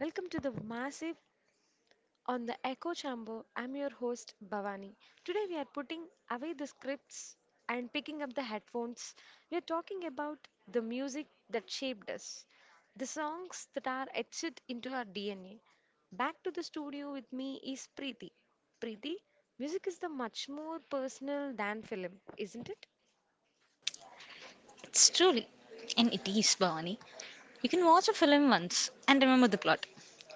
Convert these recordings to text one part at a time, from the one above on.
Welcome to the Massive on the Echo Chamber. I'm your host Bhavani. Today we are putting away the scripts and picking up the headphones. We are talking about the music that shaped us, the songs that are etched into our DNA. Back to the studio with me is Preeti. Preeti, music is the much more personal than film, isn't it? It's truly, and it is, Bhavani. You can watch a film once and remember the plot,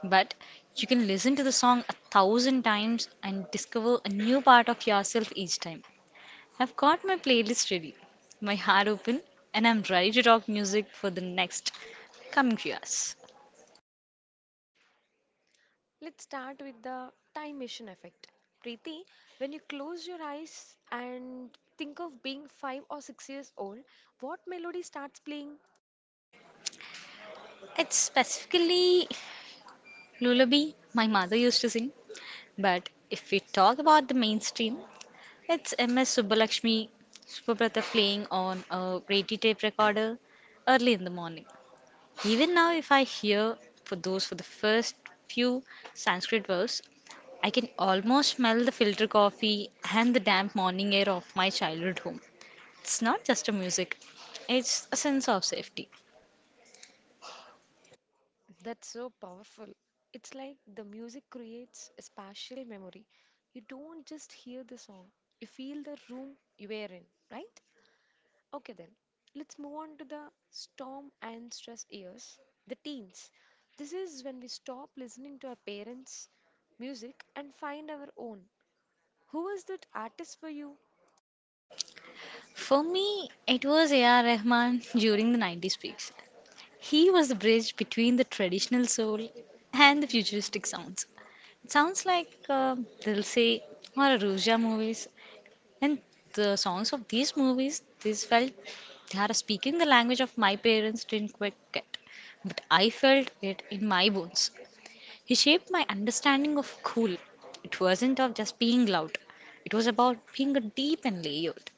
but you can listen to the song a thousand times and discover a new part of yourself each time. I've got my playlist ready, my heart open, and I'm ready to talk music for the next coming few hours. Let's start with the time machine effect. Preeti, when you close your eyes and think of being 5 or 6 years old, what melody starts playing? It's specifically lullaby my mother used to sing, but if we talk about the mainstream, it's MS Subbalakshmi Subrata playing on a Rati tape recorder early in the morning. Even now, if I hear for the first few Sanskrit verse, I can almost smell the filter coffee and the damp morning air of my childhood home. It's not just a music, it's a sense of safety. That's so powerful. It's like the music creates a spatial memory. You don't just hear the song, you feel the room you were in, right? Okay, then let's move on to the storm and stress years, the teens. This is when we stop listening to our parents' music and find our own. Who was that artist for you? For me, it was A.R. Rahman during the 90s peaks. He was the bridge between the traditional soul and the futuristic sounds. It sounds like Dilse or Ruja movies. And the songs of these movies, these felt they are speaking the language of my parents didn't quite get. But I felt it in my bones. He shaped my understanding of cool. It wasn't of just being loud. It was about being a deep and layered.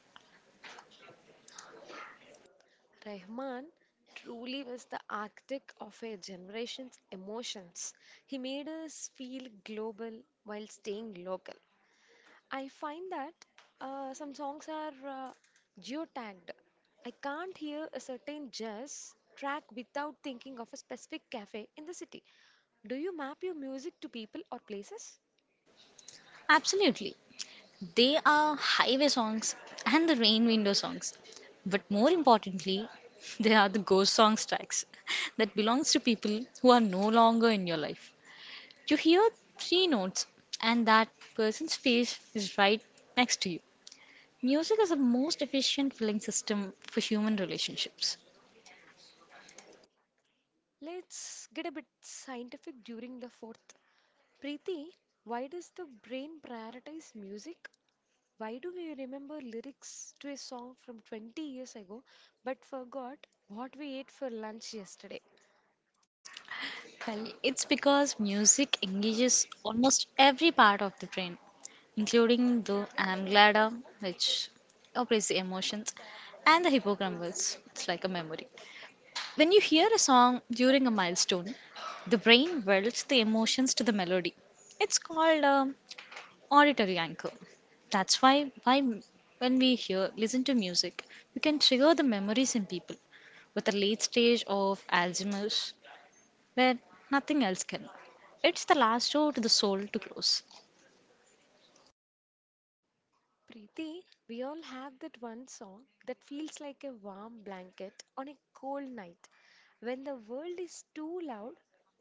Rahman truly was the architect of a generation's emotions. He made us feel global while staying local. I find that some songs are uh, geotagged. I can't hear a certain jazz track without thinking of a specific cafe in the city. Do you map your music to people or places? Absolutely. They are highway songs and the rain window songs. But more importantly, they are the ghost songs tracks that belongs to people who are no longer in your life. You hear three notes and that person's face is right next to you. Music is the most efficient filling system for human relationships. Let's get a bit scientific during the fourth. Preeti, why does the brain prioritize music. Why do we remember lyrics to a song from 20 years ago but forgot what we ate for lunch yesterday? Well, it's because music engages almost every part of the brain, including the amygdala, which operates the emotions, and the hippocampus. It's like a memory. When you hear a song during a milestone, the brain welds the emotions to the melody. It's called auditory anchor. That's why when we hear, listen to music, you can trigger the memories in people with a late stage of Alzheimer's where nothing else can. It's the last door to the soul to close. Preeti, we all have that one song that feels like a warm blanket on a cold night. When the world is too loud,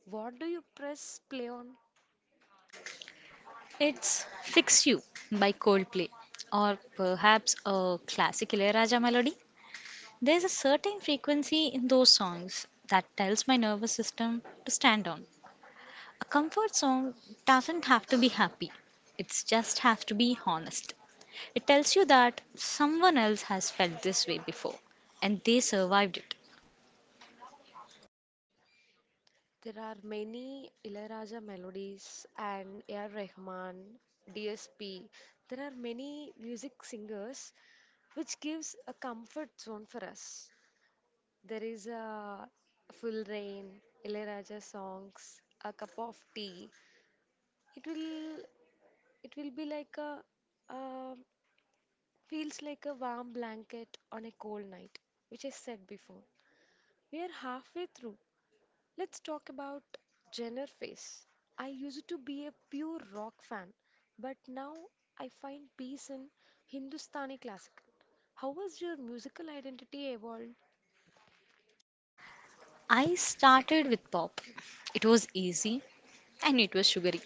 what do you press play on? It's Fix You by Coldplay, or perhaps a classic Ilayaraja melody. There's a certain frequency in those songs that tells my nervous system to stand on. A comfort song doesn't have to be happy, it just has to be honest. It tells you that someone else has felt this way before and they survived it. There are many Ilayaraja melodies and A.R. Rahman, DSP. There are many music singers which gives a comfort zone for us. There is a full rain, Ilayaraja songs, a cup of tea. It will it will be like a uh, feels like a warm blanket on a cold night, which I said before. We are halfway through. Let's talk about Jenner Face. I used to be a pure rock fan, but now I find peace in Hindustani classical. How has your musical identity evolved? I started with pop. It was easy and it was sugary.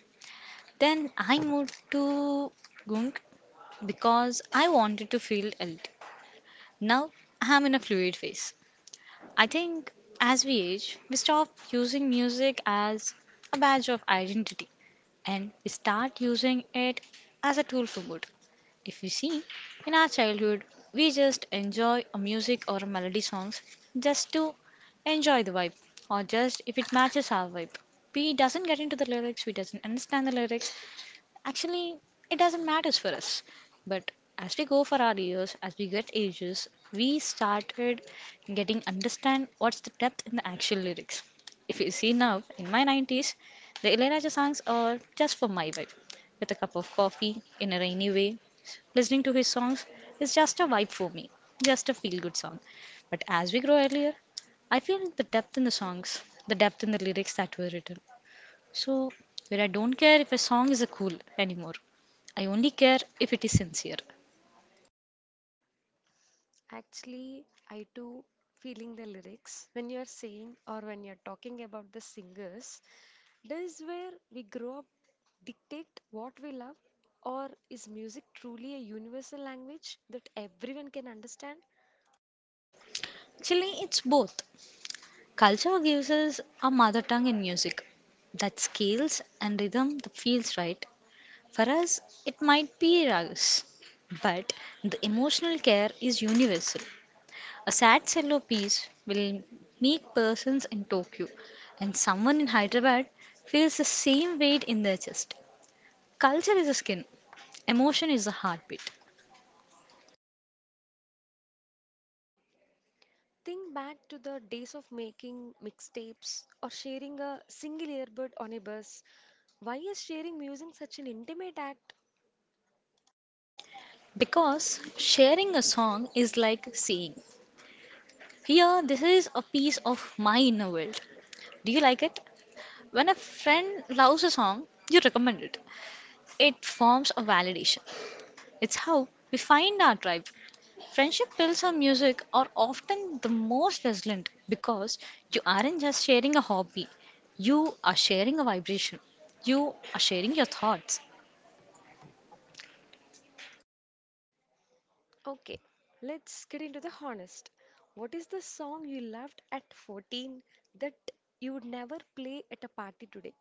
Then I moved to Gunk because I wanted to feel old. Now I'm in a fluid phase. I think as we age, we stop using music as a badge of identity and we start using it as a tool for mood. If you see, in our childhood, we just enjoy a music or a melody songs just to enjoy the vibe or just if it matches our vibe. We doesn't get into the lyrics, we doesn't understand the lyrics, actually, it doesn't matter for us. But as we go for our years, as we get ages, we started getting understand what's the depth in the actual lyrics. If you see now, in my 90s, the Ilayaraja songs are just for my vibe. With a cup of coffee in a rainy way, listening to his songs is just a vibe for me, just a feel good song. But as we grow earlier, I feel the depth in the songs, the depth in the lyrics that were written. So, where I don't care if a song is a cool anymore, I only care if it is sincere. Actually, I too feeling the lyrics when you are saying or when you are talking about the singers. Does where we grow up dictate what we love, or is music truly a universal language that everyone can understand? Actually, it's both. Culture gives us a mother tongue in music that scales and rhythm that feels right. For us, it might be ragas, but the emotional care is universal. A sad cello piece will make persons in Tokyo and someone in Hyderabad feels the same weight in their chest. Culture is a skin, emotion is a heartbeat. Think back to the days of making mixtapes or sharing a single earbud on a bus. Why is sharing music such an intimate act? Because sharing a song is like saying, here, this is a piece of my inner world. Do you like it? When a friend loves a song, you recommend it. It forms a validation. It's how we find our tribe. Friendship pills or music are often the most resilient because you aren't just sharing a hobby, you are sharing a vibration, you are sharing your thoughts. Okay, let's get into the honest. What is the song you loved at 14 that you would never play at a party today?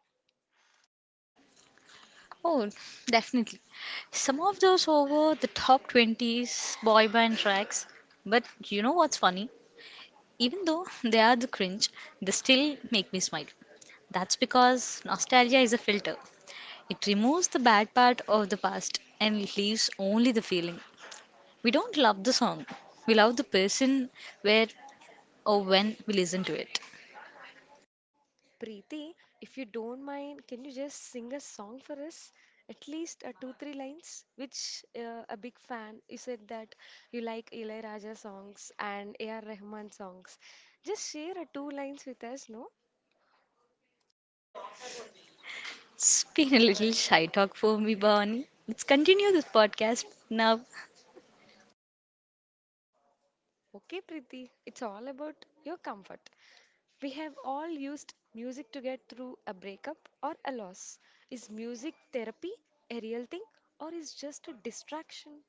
Oh, definitely. Some of those over the top 20s boy band tracks. But you know what's funny? Even though they are the cringe, they still make me smile. That's because nostalgia is a filter. It removes the bad part of the past and it leaves only the feeling. We don't love the song, we love the person where or when we listen to it. Preeti, if you don't mind, can you just sing a song for us? At least two, three lines, which a big fan. You said that you like Ilayaraja songs and A.R. Rahman songs. Just share a two lines with us, no? It's been a little shy talk for me, Bhavani. Let's continue this podcast now. Okay, Preeti, it's all about your comfort. We have all used music to get through a breakup or a loss. Is music therapy a real thing or is just a distraction?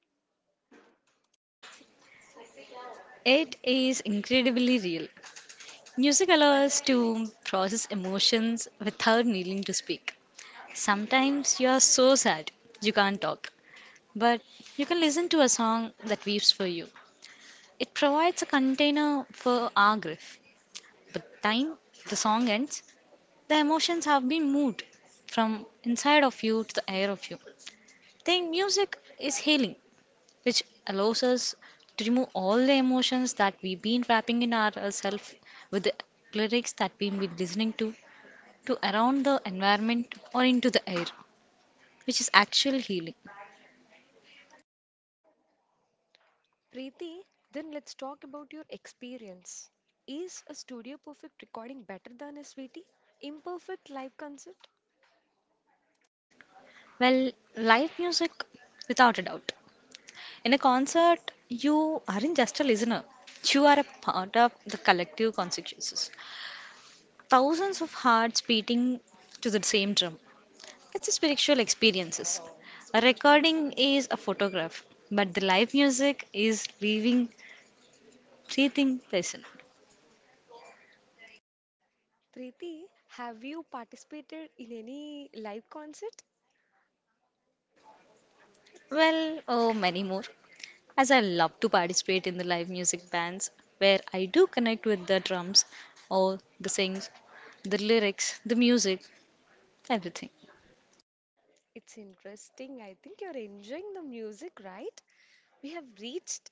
It is incredibly real. Music allows us to process emotions without needing to speak. Sometimes you are so sad you can't talk, but you can listen to a song that weeps for you. It provides a container for our grief. By the time the song ends, the emotions have been moved from inside of you to the air of you. Then music is healing, which allows us to remove all the emotions that we've been wrapping in ourselves with the lyrics that we've been listening to around the environment or into the air, which is actual healing. Preeti, then let's talk about your experience. Is a studio perfect recording better than a sweetie? Imperfect live concert? Well, live music, without a doubt. In a concert, you aren't just a listener, you are a part of the collective consciousness. Thousands of hearts beating to the same drum. It's a spiritual experiences. A recording is a photograph, but the live music is living, breathing person. Preeti, have you participated in any live concert? Well, oh, many more. As I love to participate in the live music bands where I do connect with the drums or the sings, the lyrics, the music, everything. It's interesting. I think you're enjoying the music, right? We have reached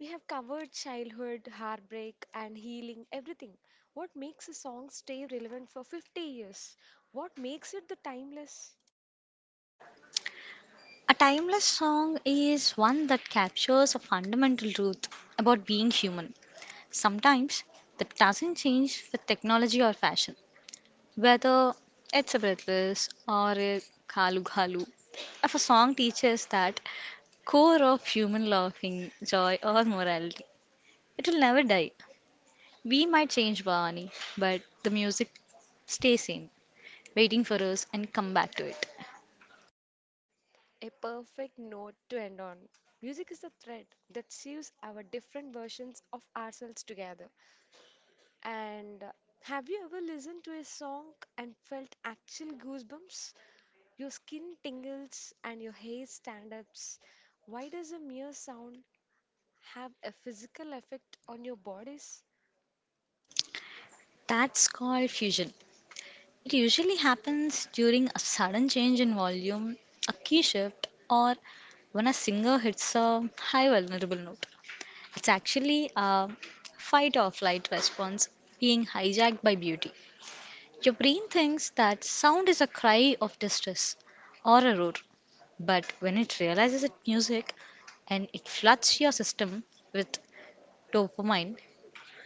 We have covered childhood, heartbreak, and healing, everything. What makes a song stay relevant for 50 years? What makes it the timeless? A timeless song is one that captures a fundamental truth about being human. Sometimes that doesn't change with technology or fashion. Whether it's a breathless or a kalu kalu, if a song teaches that core of human laughing, joy, or morality, it will never die. We might change, Bhavani, but the music stays same, waiting for us and come back to it. A perfect note to end on. Music is the thread that sews our different versions of ourselves together. And have you ever listened to a song and felt actual goosebumps? Your skin tingles and your hair stand ups. Why does a mere sound have a physical effect on your bodies? That's called fusion. It usually happens during a sudden change in volume, a key shift, or when a singer hits a high vulnerable note. It's actually a fight or flight response being hijacked by beauty. Your brain thinks that sound is a cry of distress or a roar, but when it realizes it's music and it floods your system with dopamine,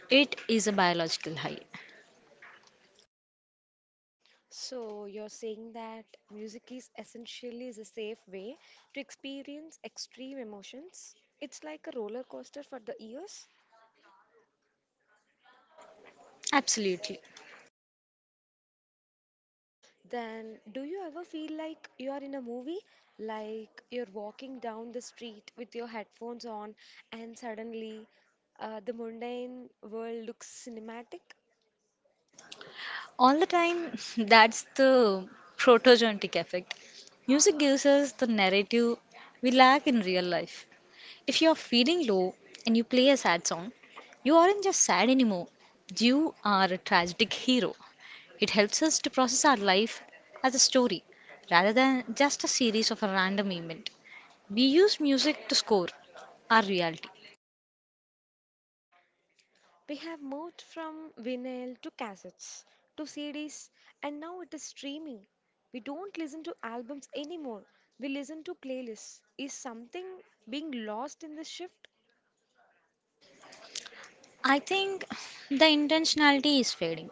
it is a biological high. So you're saying that music is essentially is a safe way to experience extreme emotions. It's like a roller coaster for the ears. Absolutely. Then do you ever feel like you are in a movie? Like you're walking down the street with your headphones on and suddenly the mundane world looks cinematic? All the time, that's the protogenetic effect. Music gives us the narrative we lack in real life. If you're feeling low and you play a sad song, you aren't just sad anymore, you are a tragic hero. It helps us to process our life as a story rather than just a series of a random event. We use music to score our reality. We have moved from vinyl to cassettes to CDs and now it is streaming. We don't listen to albums anymore. We listen to playlists. Is something being lost in this shift? I think the intentionality is fading.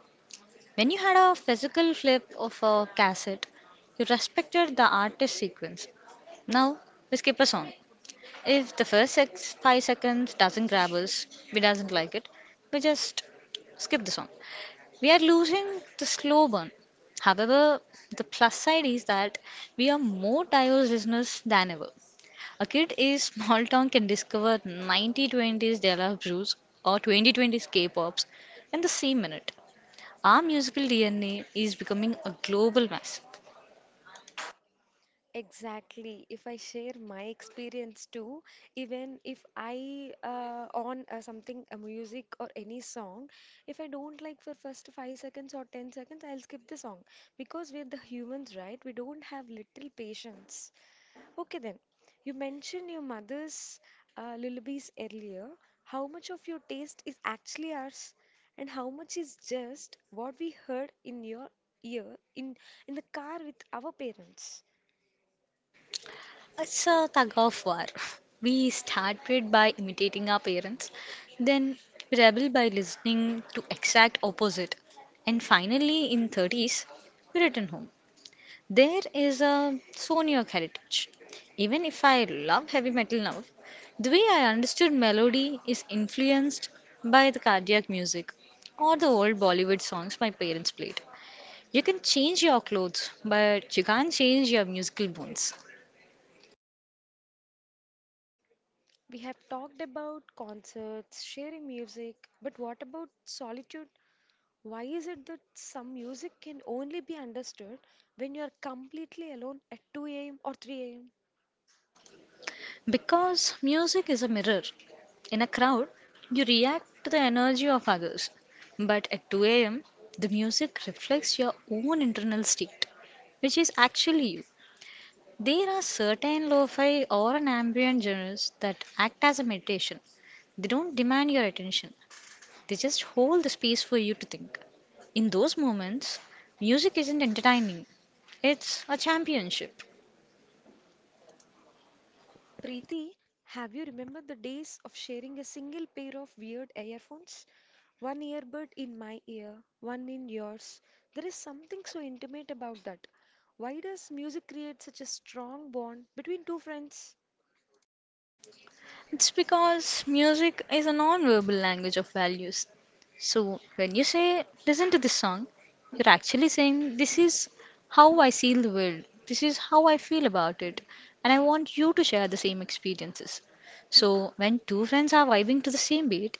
When you had a physical clip of a cassette, you respected the artist sequence. Now we skip a song. If the first six, 5 seconds doesn't grab us, we doesn't like it, we just skip the song. We are losing the slow burn. However, the plus side is that we are more diverse listeners than ever. A kid in small town can discover 9020s Dela Brews or 2020s K-pops in the same minute. Our musical DNA is becoming a global massive. Exactly. If I share my experience too, even if I on something, a music or any song, if I don't like for first 5 seconds or 10 seconds, I'll skip the song because we're the humans, right? We don't have little patience. Okay then, you mentioned your mother's lullabies earlier. How much of your taste is actually ours, and how much is just what we heard in your ear in in the car with our parents? It's a tug of war. We started by imitating our parents, then we rebel by listening to exact opposite, and finally in 30s we return home. There is a Sonic heritage. Even if I love heavy metal now, the way I understood melody is influenced by the cardiac music or the old Bollywood songs my parents played. You can change your clothes, but you can't change your musical bones. We have talked about concerts, sharing music, but what about solitude? Why is it that some music can only be understood when you are completely alone at 2 a.m. or 3 a.m.? Because music is a mirror. In a crowd, you react to the energy of others. But at 2 a.m., the music reflects your own internal state, which is actually you. There are certain lo-fi or an ambient genres that act as a meditation. They don't demand your attention. They just hold the space for you to think. In those moments, music isn't entertaining. It's a championship. Preeti, have you remembered the days of sharing a single pair of weird earphones? One earbud in my ear, one in yours. There is something so intimate about that. Why does music create such a strong bond between two friends? It's because music is a non-verbal language of values. So when you say, listen to this song, you're actually saying, this is how I see the world, this is how I feel about it, and I want you to share the same experiences. So when two friends are vibing to the same beat,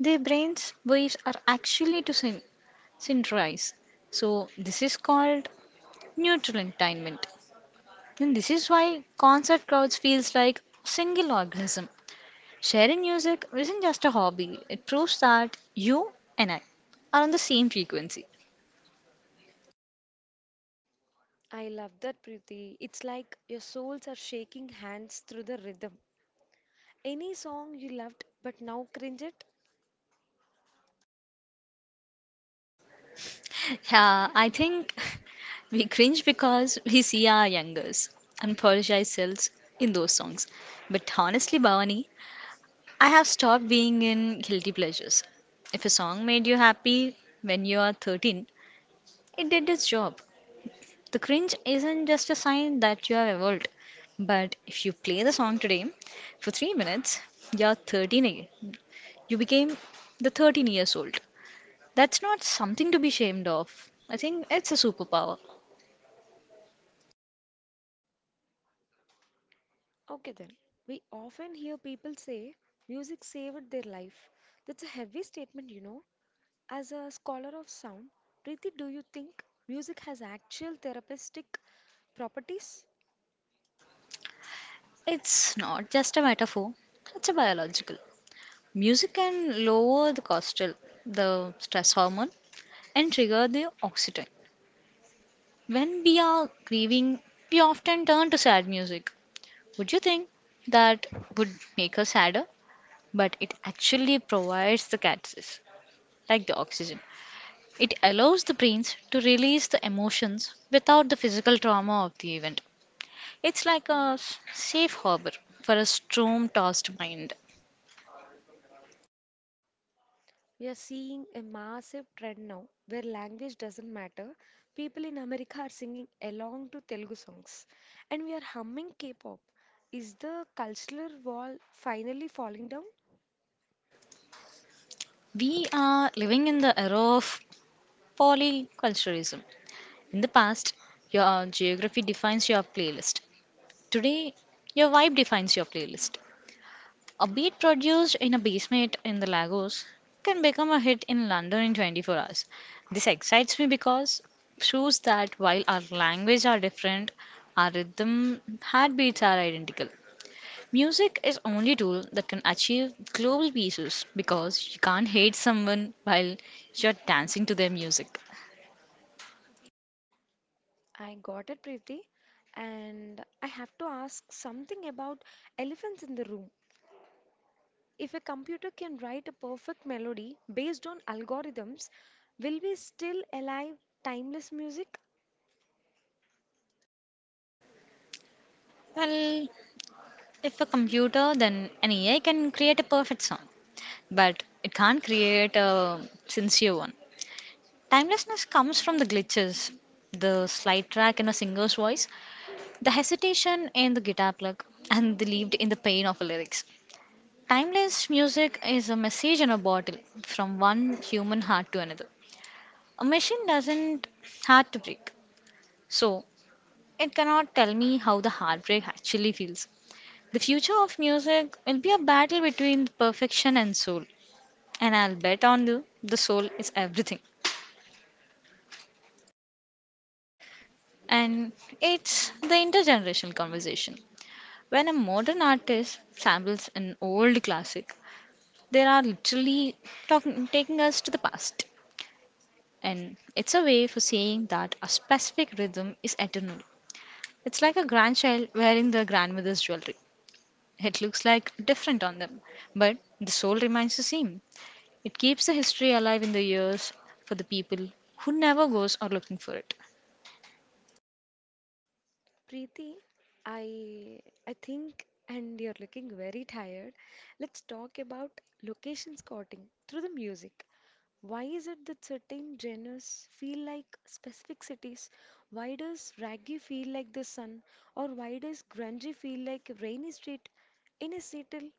their brains' waves are actually to synchronize. So this is called neutral entertainment. And this is why concert crowds feels like a single organism. Sharing music isn't just a hobby, it proves that you and I are on the same frequency. I love that, Preeti. It's like your souls are shaking hands through the rhythm. Any song you loved but now cringe at? Yeah, I think we cringe because we see our youngers and apologize selves in those songs. But honestly, Bhavani, I have stopped being in guilty pleasures. If a song made you happy when you are 13, it did its job. The cringe isn't just a sign that you have evolved, but if you play the song today for 3 minutes, you're 13 again. You became the 13 years old. That's not something to be ashamed of. I think it's a superpower. Okay, then. We often hear people say music saved their life. That's a heavy statement. As a scholar of sound, Preeti, do you think music has actual therapeutic properties? It's not just a metaphor, it's a biological. Music can lower the cortisol, the stress hormone, and trigger the oxytocin. When we are grieving, we often turn to sad music. Would you think that would make us sadder? But it actually provides the catalyst, like the oxygen. It allows the brains to release the emotions without the physical trauma of the event. It's like a safe harbor for a storm tossed mind. We are seeing a massive trend now where language doesn't matter. People in America are singing along to Telugu songs and we are humming K pop. Is the cultural wall finally falling down? We are living in the era of polyculturalism. In the past, your geography defines your playlist. Today, your vibe defines your playlist. A beat produced in a basement in the Lagos can become a hit in London in 24 hours. This excites me because proves that while our language are different, our rhythm heartbeats are identical. Music is only tool that can achieve global pieces because you can't hate someone while you're dancing to their music. I got it, Preeti. And I have to ask something about elephants in the room. If a computer can write a perfect melody based on algorithms, will we still alive timeless music? Well, if a computer, then an AI can create a perfect song, but it can't create a sincere one. Timelessness comes from the glitches, the slide track in a singer's voice, the hesitation in the guitar plug, and the lived in the pain of the lyrics. Timeless music is a message in a bottle from one human heart to another. A machine doesn't have to break, so it cannot tell me how the heartbreak actually feels. The future of music will be a battle between perfection and soul, and I'll bet on you the soul is everything. And it's the intergenerational conversation. When a modern artist samples an old classic, they are literally talking, taking us to the past. And it's a way for saying that a specific rhythm is eternal. It's like a grandchild wearing their grandmother's jewelry. It looks like different on them, but the soul remains the same. It keeps the history alive in the ears for the people who never goes or looking for it. Preeti, I I think and you're looking very tired. Let's talk about location scouting through the music. Why is it that certain genres feel like specific cities? Why does raggy feel like the sun? Or why does grungy feel like a rainy street in a Seattle?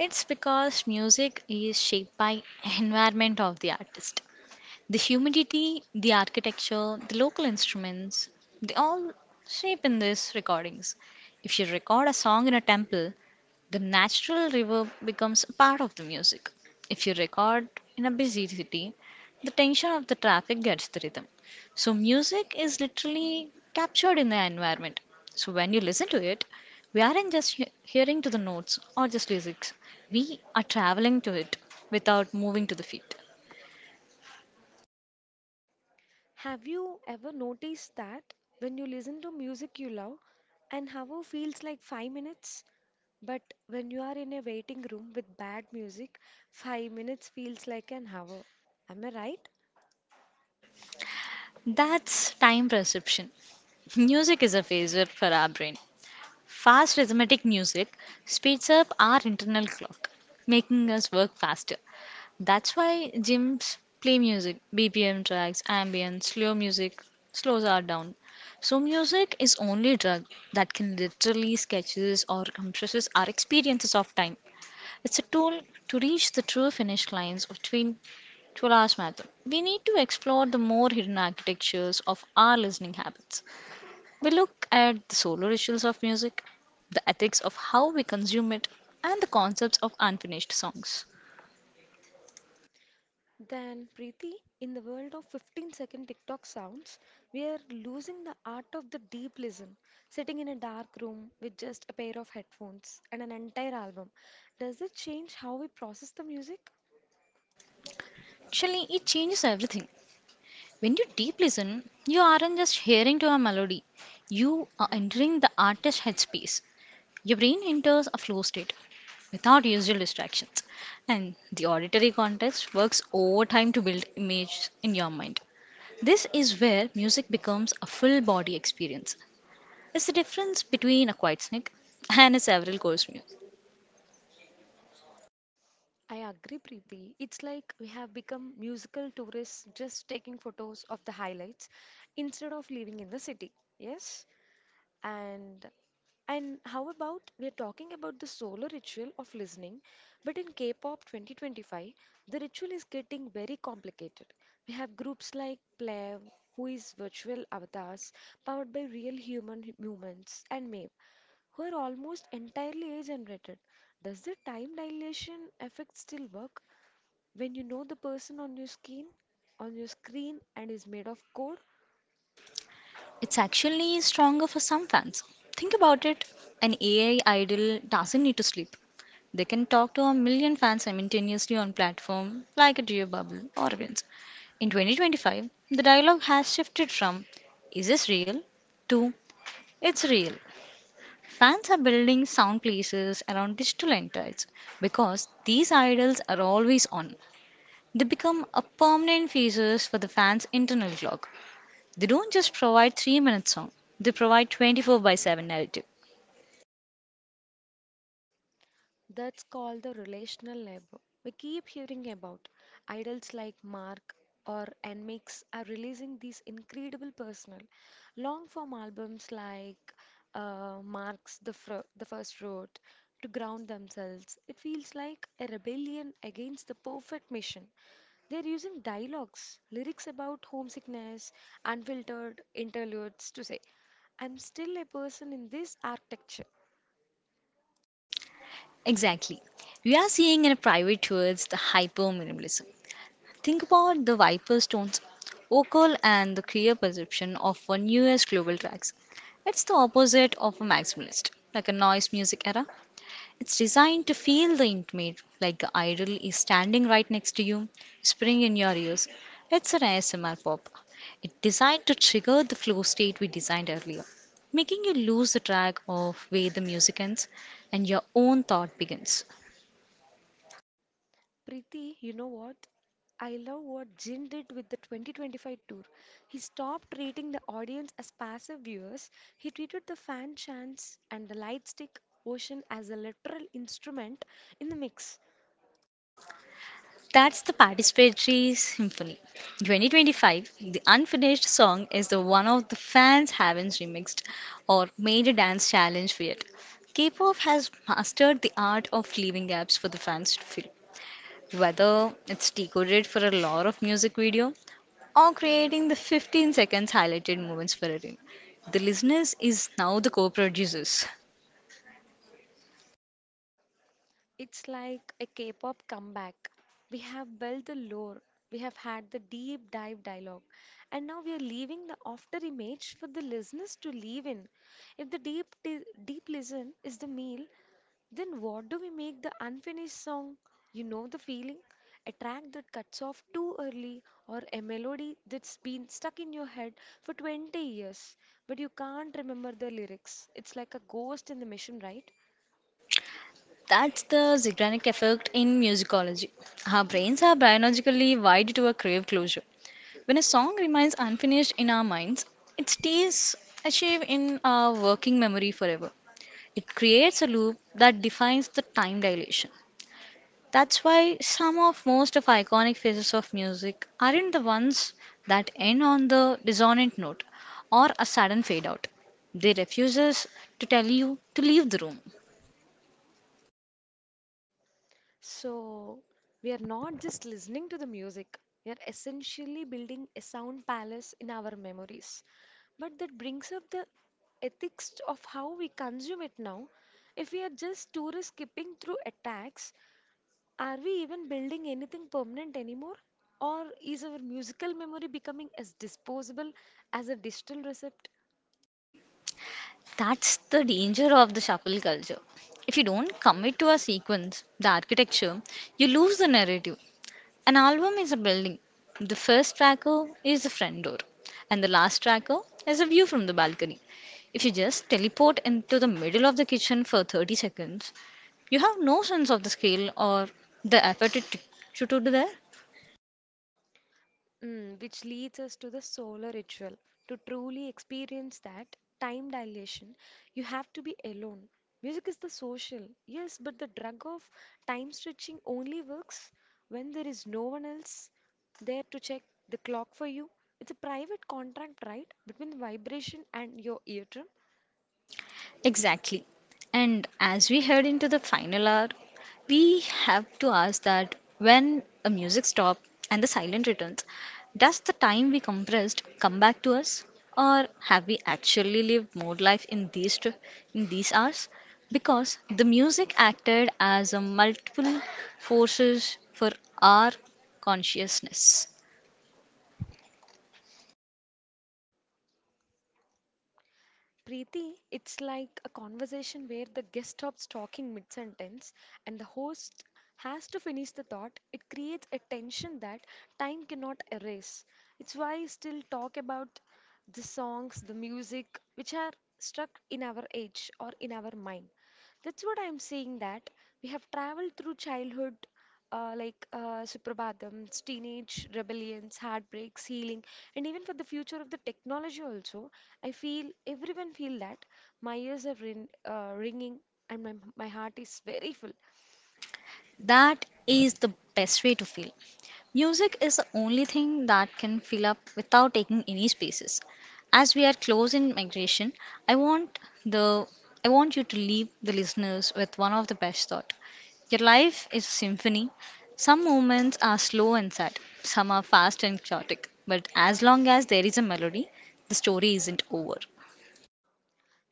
It's because music is shaped by environment of the artist. The humidity, the architecture, the local instruments, they all shape in these recordings. If you record a song in a temple, the natural reverb becomes a part of the music. If you record in a busy city, the tension of the traffic gets the rhythm. So, music is literally captured in the environment. So, when you listen to it, we aren't just hearing to the notes or just lyrics, we are traveling to it without moving to the feet. Have you ever noticed that when you listen to music you love, an hour feels like 5 minutes? But when you are in a waiting room with bad music, 5 minutes feels like an hour. Am I right? That's time perception. Music is a phaser for our brain. Fast rhythmic music speeds up our internal clock, making us work faster. That's why gyms play music, BPM tracks, ambient, slow music slows us down. So music is only drug that can literally sketches or compresses our experiences of time. It's a tool to reach the true finish lines of Twin Toolars Marathon. We need to explore the more hidden architectures of our listening habits. We look at the solo rituals of music, the ethics of how we consume it, and the concepts of unfinished songs. Then, Preeti, in the world of 15-second TikTok sounds, we are losing the art of the deep listen, sitting in a dark room with just a pair of headphones and an entire album. Does it change how we process the music? Actually, it changes everything. When you deep listen, you aren't just hearing to a melody, you are entering the artist's headspace. Your brain enters a flow state without usual distractions, and the auditory context works overtime to build images in your mind. This is where music becomes a full body experience. It's the difference between a quiet snake and a several course meal. I agree, Preeti. It's like we have become musical tourists just taking photos of the highlights instead of living in the city. Yes? And and how about we are talking about the solo ritual of listening, but in K-pop 2025, the ritual is getting very complicated. We have groups like Plev, who is virtual avatars powered by real human movements, and Mave, who are almost entirely age-generated. Does the time dilation effect still work? When you know the person on your skin on your screen and is made of coal, It's actually stronger for some fans. Think about it, an AI idol doesn't need to sleep. They can talk to a million fans simultaneously on platform like a Geo Bubble or Vince. In 2025, the dialogue has shifted from "Is this real?" to "It's real." Fans are building sound places around digital entities because these idols are always on. They become a permanent features for the fans' internal clock. They don't just provide three-minute song; they provide 24 by 7 narrative. that's called the relational labor. We keep hearing about idols like Mark or Nmix are releasing these incredible personal long form albums like Mark's the First Road to ground themselves. It feels like a rebellion against the perfect mission. They're using dialogues, lyrics about homesickness, unfiltered interludes to say, I'm still a person in this architecture. Exactly. We are seeing in a private towards the hyper minimalism. Think about the Viper Stones, Ocul, and the clear perception of our newest global tracks. It's the opposite of a maximalist, like a noise music era. It's designed to feel the intimate, like the idol is standing right next to you, whispering in your ears. It's an ASMR pop. It's designed to trigger the flow state we designed earlier, making you lose the track of where the music ends and your own thought begins. Preeti, you know what? I love what Jin did with the 2025 tour. He stopped treating the audience as passive viewers. He treated the fan chants and the light stick ocean as a literal instrument in the mix. That's the Participatory Symphony. 2025, the unfinished song is the one of the fans haven't remixed or made a dance challenge for yet. K-pop has mastered the art of leaving gaps for the fans to fill. Whether it's decoded for a lot of music video or creating the 15 seconds highlighted moments for a reel, the listeners is now the co-producers. It's like a K-pop comeback. We have built the lore, we have had the deep dive dialogue, and now we are leaving the after image for the listeners to leave in. If the deep listen is the meal, then what do we make the unfinished song? You know the feeling? A track that cuts off too early or a melody that's been stuck in your head for 20 years, but you can't remember the lyrics. It's like a ghost in the machine, right? That's the Zeigarnik effect in musicology. Our brains are biologically wired to a crave closure. When a song remains unfinished in our minds, it stays archived in our working memory forever. It creates a loop that defines the time dilation. That's why some of most of iconic phases of music aren't the ones that end on the dissonant note or a sudden fade out. They refuses to tell you to leave the room. So we are not just listening to the music, we are essentially building a sound palace in our memories. But that brings up the ethics of how we consume it now. If we are just tourists skipping through attacks, are we even building anything permanent anymore? Or is our musical memory becoming as disposable as a digital receipt? That's the danger of the shuffle culture. If you don't commit to a sequence, the architecture, you lose the narrative. An album is a building. The first tracker is the front door, and the last tracker is a view from the balcony. If you just teleport into the middle of the kitchen for 30 seconds, you have no sense of the scale or the effort it took you to do there. Which leads us to the solar ritual. To truly experience that time dilation, you have to be alone. Music is the social, yes, but the drug of time stretching only works when there is no one else there to check the clock for you. It's a private contract, right, between the vibration and your ear. Exactly. And as we head into the final hour, we have to ask that when a music stop and the silent returns, does the time we compressed come back to us? Or have we actually lived more life in in these hours? Because the music acted as a multiple forces for our consciousness. Preeti, it's like a conversation where the guest stops talking mid sentence and the host has to finish the thought. It creates a tension that time cannot erase. It's why I still talk about the songs, the music, which are stuck in our age or in our mind. That's what I'm saying that we have traveled through childhood, like Suprabhatams, teenage rebellions, heartbreaks, healing, and even for the future of the technology also. I feel everyone feel that my ears are ringing and my heart is very full. That is the best way to feel. Music is the only thing that can fill up without taking any spaces. As we are close in migration, I want the I want you to leave the listeners with one of the best thought. Your life is a symphony. Some moments are slow and sad, some are fast and chaotic, but as long as there is a melody, the story isn't over.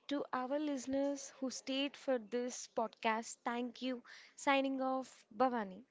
To our listeners who stayed for this podcast, thank you. Signing off, Bhavani.